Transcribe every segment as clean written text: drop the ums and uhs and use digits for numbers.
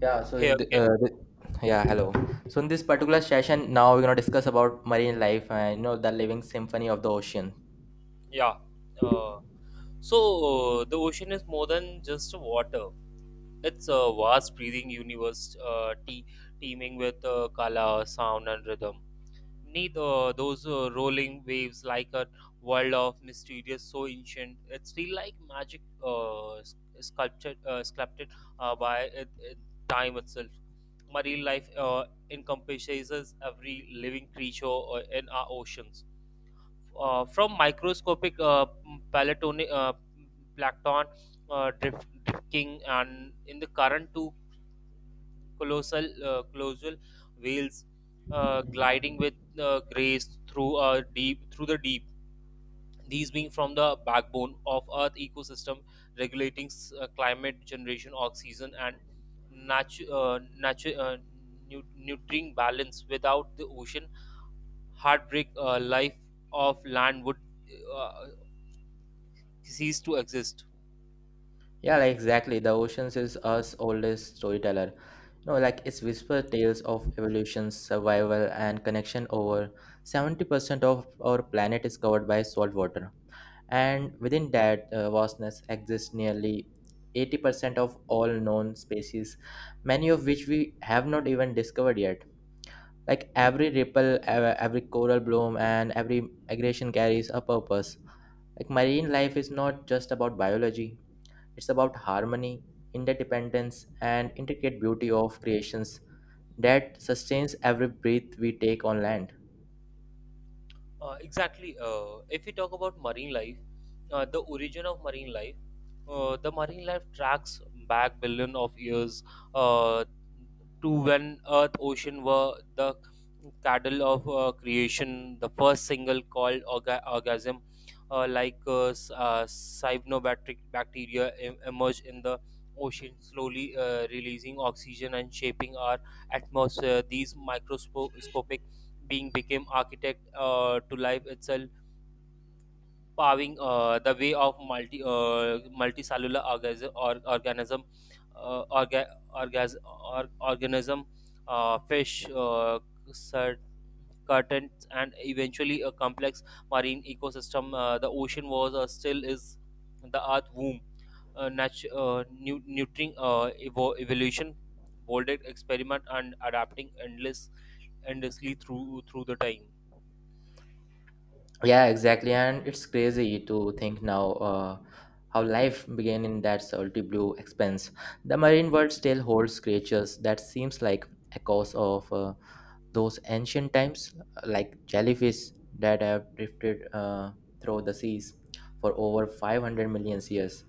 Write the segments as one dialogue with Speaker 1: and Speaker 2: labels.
Speaker 1: Yeah, so
Speaker 2: Hey,
Speaker 1: in
Speaker 2: okay.
Speaker 1: the yeah,
Speaker 2: Yeah.
Speaker 1: hello. So in this particular session, now we're gonna discuss about marine life and you know the living symphony of the ocean.
Speaker 2: Yeah. Uh, the ocean is more than just water. It's a vast breathing universe, teeming with color, sound, and rhythm. Beneath those rolling waves, like a world of mysterious, so ancient, it's feel like magic sculpted uh, by it, it, time itself. Marine life encompasses every living creature in our oceans from microscopic palatoni- uh, plankton drifting and in the current to colossal colossal whales gliding with grace through the deep. These being from the backbone of earth ecosystem, regulating climate generation oxygen and natu- uh, natu- uh, nutrient balance. Without the ocean heartbreak, life of land would uh, cease to exist.
Speaker 1: Yeah, like exactly. The oceans is us oldest storyteller. You know, like it's whisper tales of evolution, survival, and connection. Over 70% of our planet is covered by salt water. And within that vastness exists nearly 80% of all known species, many of which we have not even discovered yet. Like every ripple, every coral bloom, and every migration carries a purpose. Like marine life is not just about biology, it's about harmony, interdependence, and intricate beauty of creations that sustains every breath we take on land.
Speaker 2: Exactly. If we talk about marine life, the origin of marine life. The marine life tracks back billion of years, uh, to when Earth ocean were the cradle of creation. The first single called orgasm, bacteria, emerged in the ocean, slowly releasing oxygen and shaping our atmosphere. These microscopic being became architect to life itself, paving the way of multicellular orgas- or, organism orga- orgas- or, organism, fish, cert- curtains, and eventually a complex marine ecosystem. Uh, the ocean was, still is, the earth womb, nurturing evolution, bolded experiment and adapting endlessly through the time.
Speaker 1: Yeah, exactly. And it's crazy to think now how life began in that salty blue expanse. The marine world still holds creatures that seems like echoes of those ancient times, like jellyfish that have drifted through the seas for over 500 million years.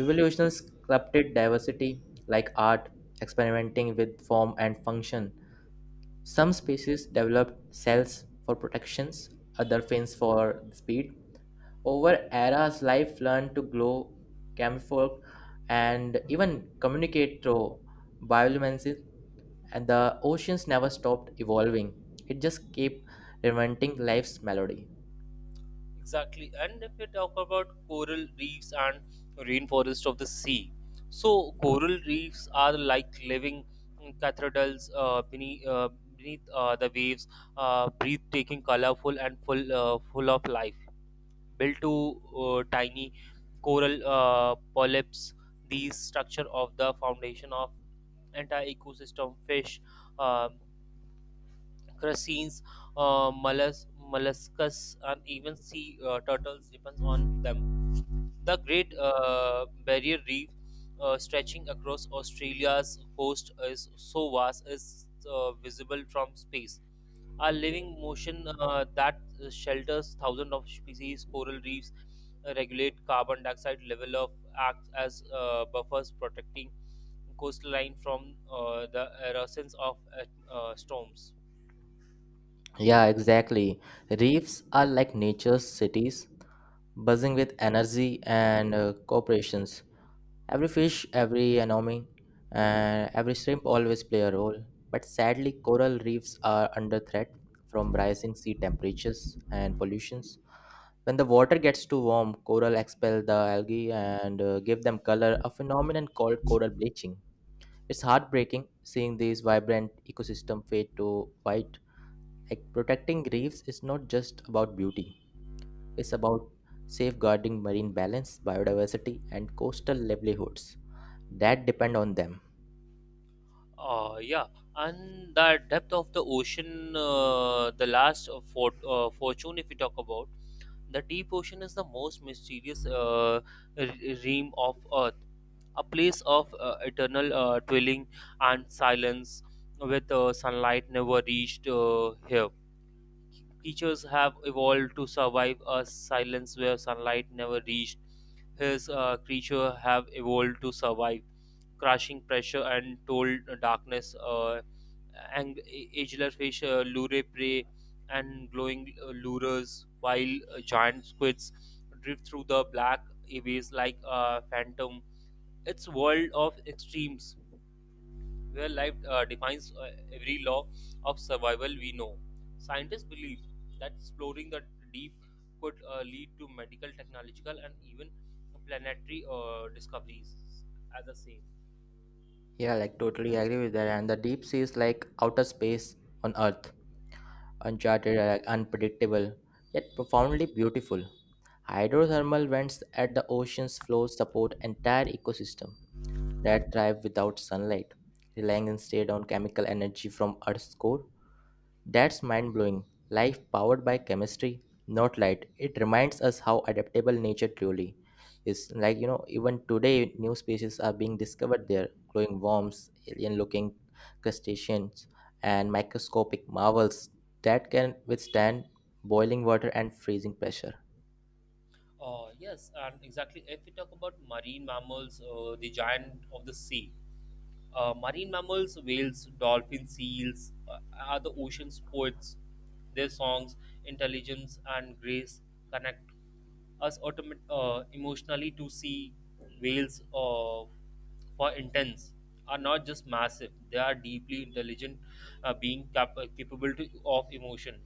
Speaker 1: Evolution sculpted diversity like art, experimenting with form and function. Some species developed cells for protections, other fins for speed. Over eras, life learned to glow, camouflage, and even communicate through bioluminescence, and the oceans never stopped evolving. It just kept reinventing life's melody.
Speaker 2: Exactly. And if we talk about coral reefs and rainforest of the sea, so coral reefs are like living cathedrals beneath the waves, breathtaking, colorful, and full of life. Built to tiny coral polyps, these structure of the foundation of entire ecosystem. Fish, uh, crustaceans, molluscus, and even sea turtles depends on them. The Great Barrier Reef, stretching across Australia's coast, is so vast is visible from space. A living ocean that shelters thousands of species, coral reefs regulate carbon dioxide level of acts as buffers protecting coastline from the eruptions of storms.
Speaker 1: Yeah, exactly. Reefs are like nature's cities, buzzing with energy and cooperations. Every fish, every anemone, and every shrimp always play a role. But sadly, coral reefs are under threat from rising sea temperatures and pollution. When the water gets too warm, coral expel the algae and give them color, a phenomenon called coral bleaching. It's heartbreaking seeing these vibrant ecosystem fade to white. Like protecting reefs is not just about beauty. It's about safeguarding marine balance, biodiversity, and coastal livelihoods that depend on them.
Speaker 2: Yeah, and the depth of the ocean, the last fortune, if we talk about the deep ocean, is the most mysterious realm of Earth, a place of eternal dwelling and silence, with sunlight never reached here. Teachers have evolved to survive a silence where sunlight never reached. His creature have evolved to survive crushing pressure and told darkness. Ageless fish, lure prey, and glowing lures, while giant squids drift through the black abyss like a phantom. It's world of extremes where life defines every law of survival we know. Scientists believe that exploring the deep could lead to medical, technological, and even planetary discoveries as the same.
Speaker 1: Yeah, like totally agree with that. And the deep sea is like outer space on Earth, uncharted, unpredictable, yet profoundly beautiful. Hydrothermal vents at the ocean's floor support entire ecosystems that thrive without sunlight, relying instead on chemical energy from Earth's core. That's mind blowing. Life powered by chemistry, not light. It reminds us how adaptable nature truly is. Like, you know, even today, new species are being discovered there, glowing worms, alien looking crustaceans, and microscopic marvels that can withstand boiling water and freezing pressure.
Speaker 2: Yes, and exactly. If we talk about marine mammals, the giant of the sea, marine mammals, whales, dolphins, seals, are the ocean's poets. Their songs, intelligence, and grace connect us emotionally to see whales of for intents are not just massive, they are deeply intelligent being capable to, of emotion,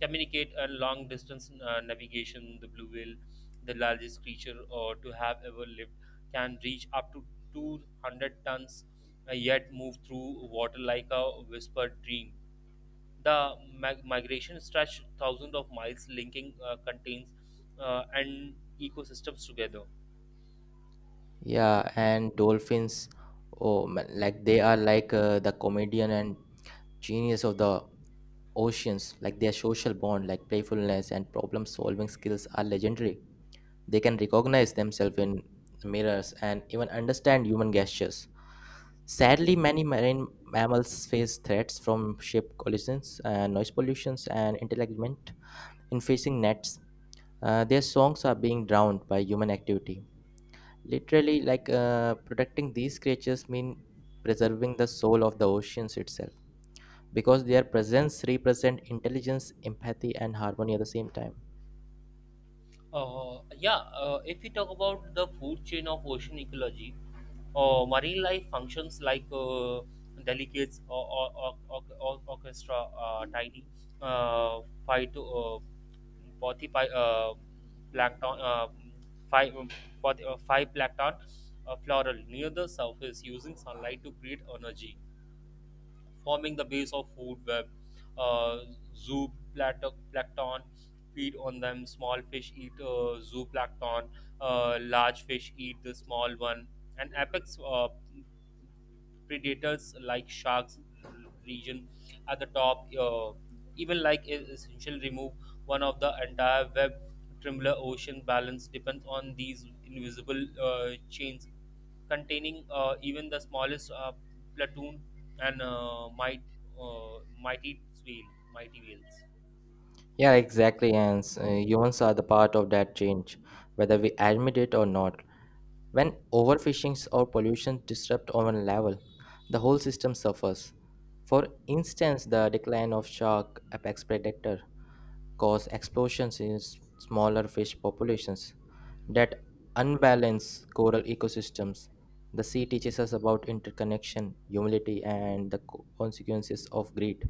Speaker 2: communicate and long distance navigation. The blue whale, the largest creature to have ever lived, can reach up to 200 tons, yet move through water like a whispered dream. The migration stretched thousands of miles, linking contains and ecosystems together.
Speaker 1: Yeah, and dolphins, oh man, like they are like the comedian and genius of the oceans. Like their social bond, like playfulness and problem-solving skills are legendary. They can recognize themselves in mirrors and even understand human gestures. Sadly, many marine mammals face threats from ship collisions, noise pollutions, and entanglement in fishing nets. Their songs are being drowned by human activity. Literally, like protecting these creatures mean preserving the soul of the oceans itself, because their presence represent intelligence, empathy, and harmony at the same time.
Speaker 2: Yeah, if we talk about the food chain of ocean ecology, marine life functions like delicate or orchestra, tiny uh, phyto, body plankton, five, body, five plankton floral near the surface using sunlight to create energy, forming the base of food web. Uh, Zooplankton feed on them. Small fish eat zooplankton. Large fish eat the small one. And apex predators like sharks region at the top, even like is essential remove one of the entire web trembler. Ocean balance depends on these invisible chains, containing even the smallest platoon and uh, mighty whale mighty whales.
Speaker 1: Yeah, exactly. And humans are the part of that change, whether we admit it or not. When overfishing or pollution disrupt our level, the whole system suffers. For instance, the decline of shark apex predator cause explosions in smaller fish populations that unbalance coral ecosystems. The sea teaches us about interconnection, humility, and the consequences of greed.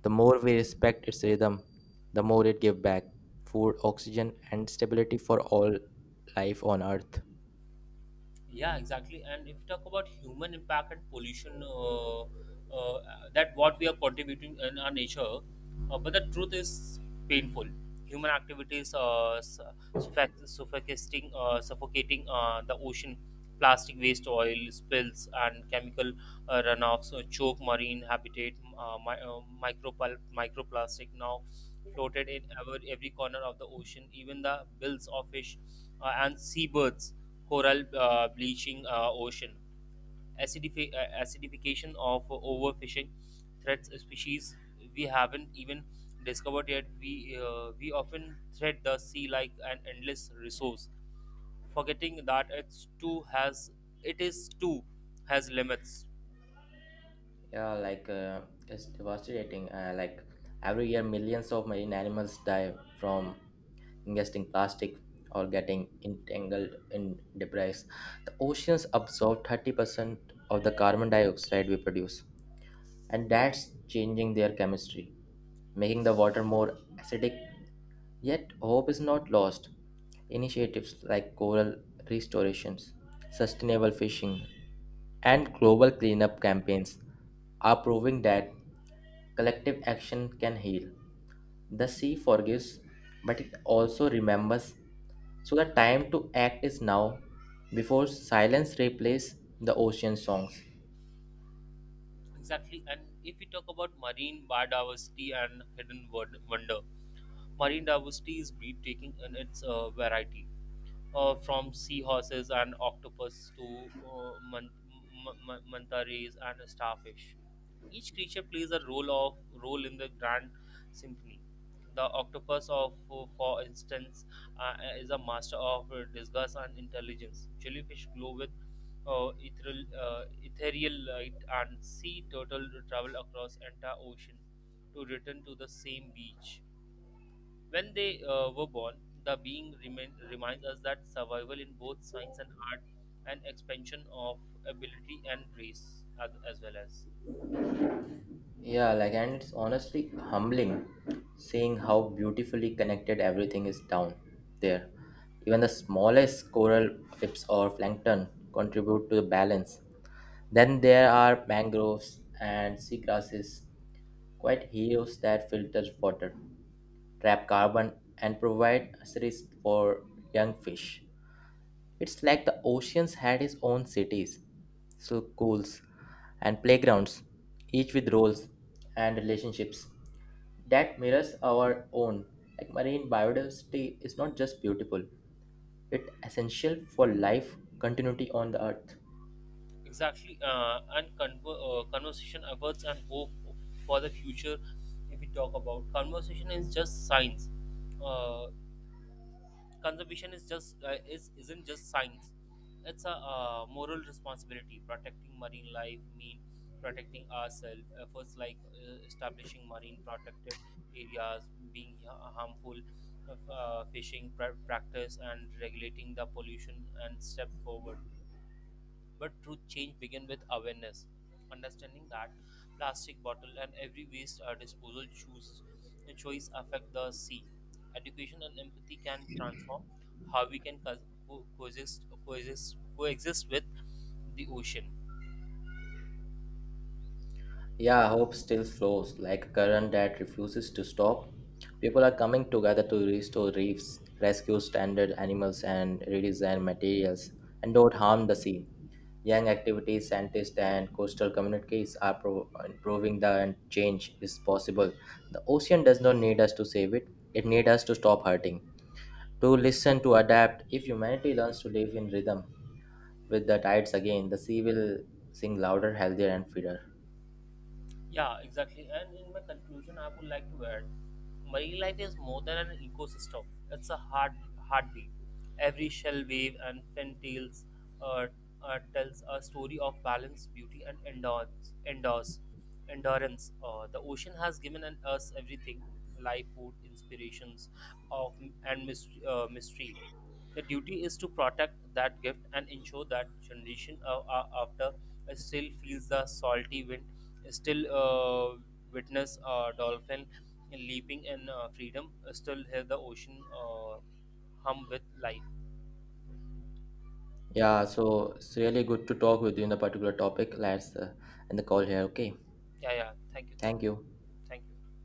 Speaker 1: The more we respect its rhythm, the more it gives back food, oxygen, and stability for all life on Earth.
Speaker 2: Yeah, exactly. And if you talk about human impact and pollution, uh, that what we are contributing in our nature, but the truth is painful. Human activities su- suffoc- suffocating, suffocating the ocean, plastic waste, oil spills, and chemical runoffs choke marine habitat, microplastic now floated in every corner of the ocean. Even the bills of fish and seabirds, coral bleaching ocean, acidification of overfishing threats species we haven't even discovered yet. We often treat the sea like an endless resource, forgetting that it is too has limits.
Speaker 1: Yeah, like it's devastating. Like every year, millions of marine animals die from ingesting plastic, or getting entangled in debris. The oceans absorb 30% of the carbon dioxide we produce, and that's changing their chemistry, making the water more acidic. Yet, hope is not lost. Initiatives like coral restorations, sustainable fishing, and global cleanup campaigns are proving that collective action can heal. The sea forgives, but it also remembers. So the time to act is now, before silence replaces the ocean songs.
Speaker 2: Exactly, and if we talk about marine biodiversity and hidden wonder, marine diversity is breathtaking in its variety, from seahorses and octopus to manta rays and starfish. Each creature plays a role in the grand symphony. The octopus of, for instance, is a master of disgust and intelligence. Jellyfish glow with uh, ethereal, uh, ethereal light, and sea turtle travel across entire ocean to return to the same beach when they were born, the being reminds us that survival in both science and art and expansion of ability and grace as well as
Speaker 1: Yeah, like, and it's honestly humbling seeing how beautifully connected everything is down there. Even the smallest coral flips or plankton contribute to the balance. Then there are mangroves and seagrasses, quite heroes that filter water, trap carbon, and provide assets for young fish. It's like the oceans had its own cities, so schools, and playgrounds, each with roles and relationships that mirrors our own. Like marine biodiversity is not just beautiful, it's essential for life continuity on the earth.
Speaker 2: exactly, and conversation efforts and hope for the future. If we talk about conversation is just science Uh, conservation is just is isn't just science, it's a moral responsibility. Protecting marine life mean protecting ourselves. Efforts like establishing marine protected areas, being harmful practice, and regulating the pollution and step forward, but true change begins with awareness, understanding that plastic bottle and every waste disposal choice affect the sea. Education and empathy can transform how we can coexist with the ocean.
Speaker 1: Yeah, hope still flows like a current that refuses to stop. People are coming together to restore reefs, rescue stranded animals, and redesign materials, and don't harm the sea. Young activities, scientists, and coastal communities are proving that change is possible. The ocean does not need us to save it; it needs us to stop hurting, to listen, to adapt. If humanity learns to live in rhythm with the tides again, the sea will sing louder, healthier, and freer.
Speaker 2: Yeah, exactly. And in my conclusion, I would like to add marine life is more than an ecosystem, it's a heartbeat. Every shell wave and fin tails uh, tells a story of balance, beauty, and endurance. The ocean has given us everything, life, food, inspirations, of and mystery. The duty is to protect that gift and ensure that generation after still feels the salty wind, still witness a dolphin leaping in freedom, still hear the ocean hum with life.
Speaker 1: Yeah, so it's really good to talk with you in a particular topic. Let's end the call here. Okay,
Speaker 2: Yeah. Thank you, thank
Speaker 1: thank
Speaker 2: you,
Speaker 1: you.
Speaker 2: thank you.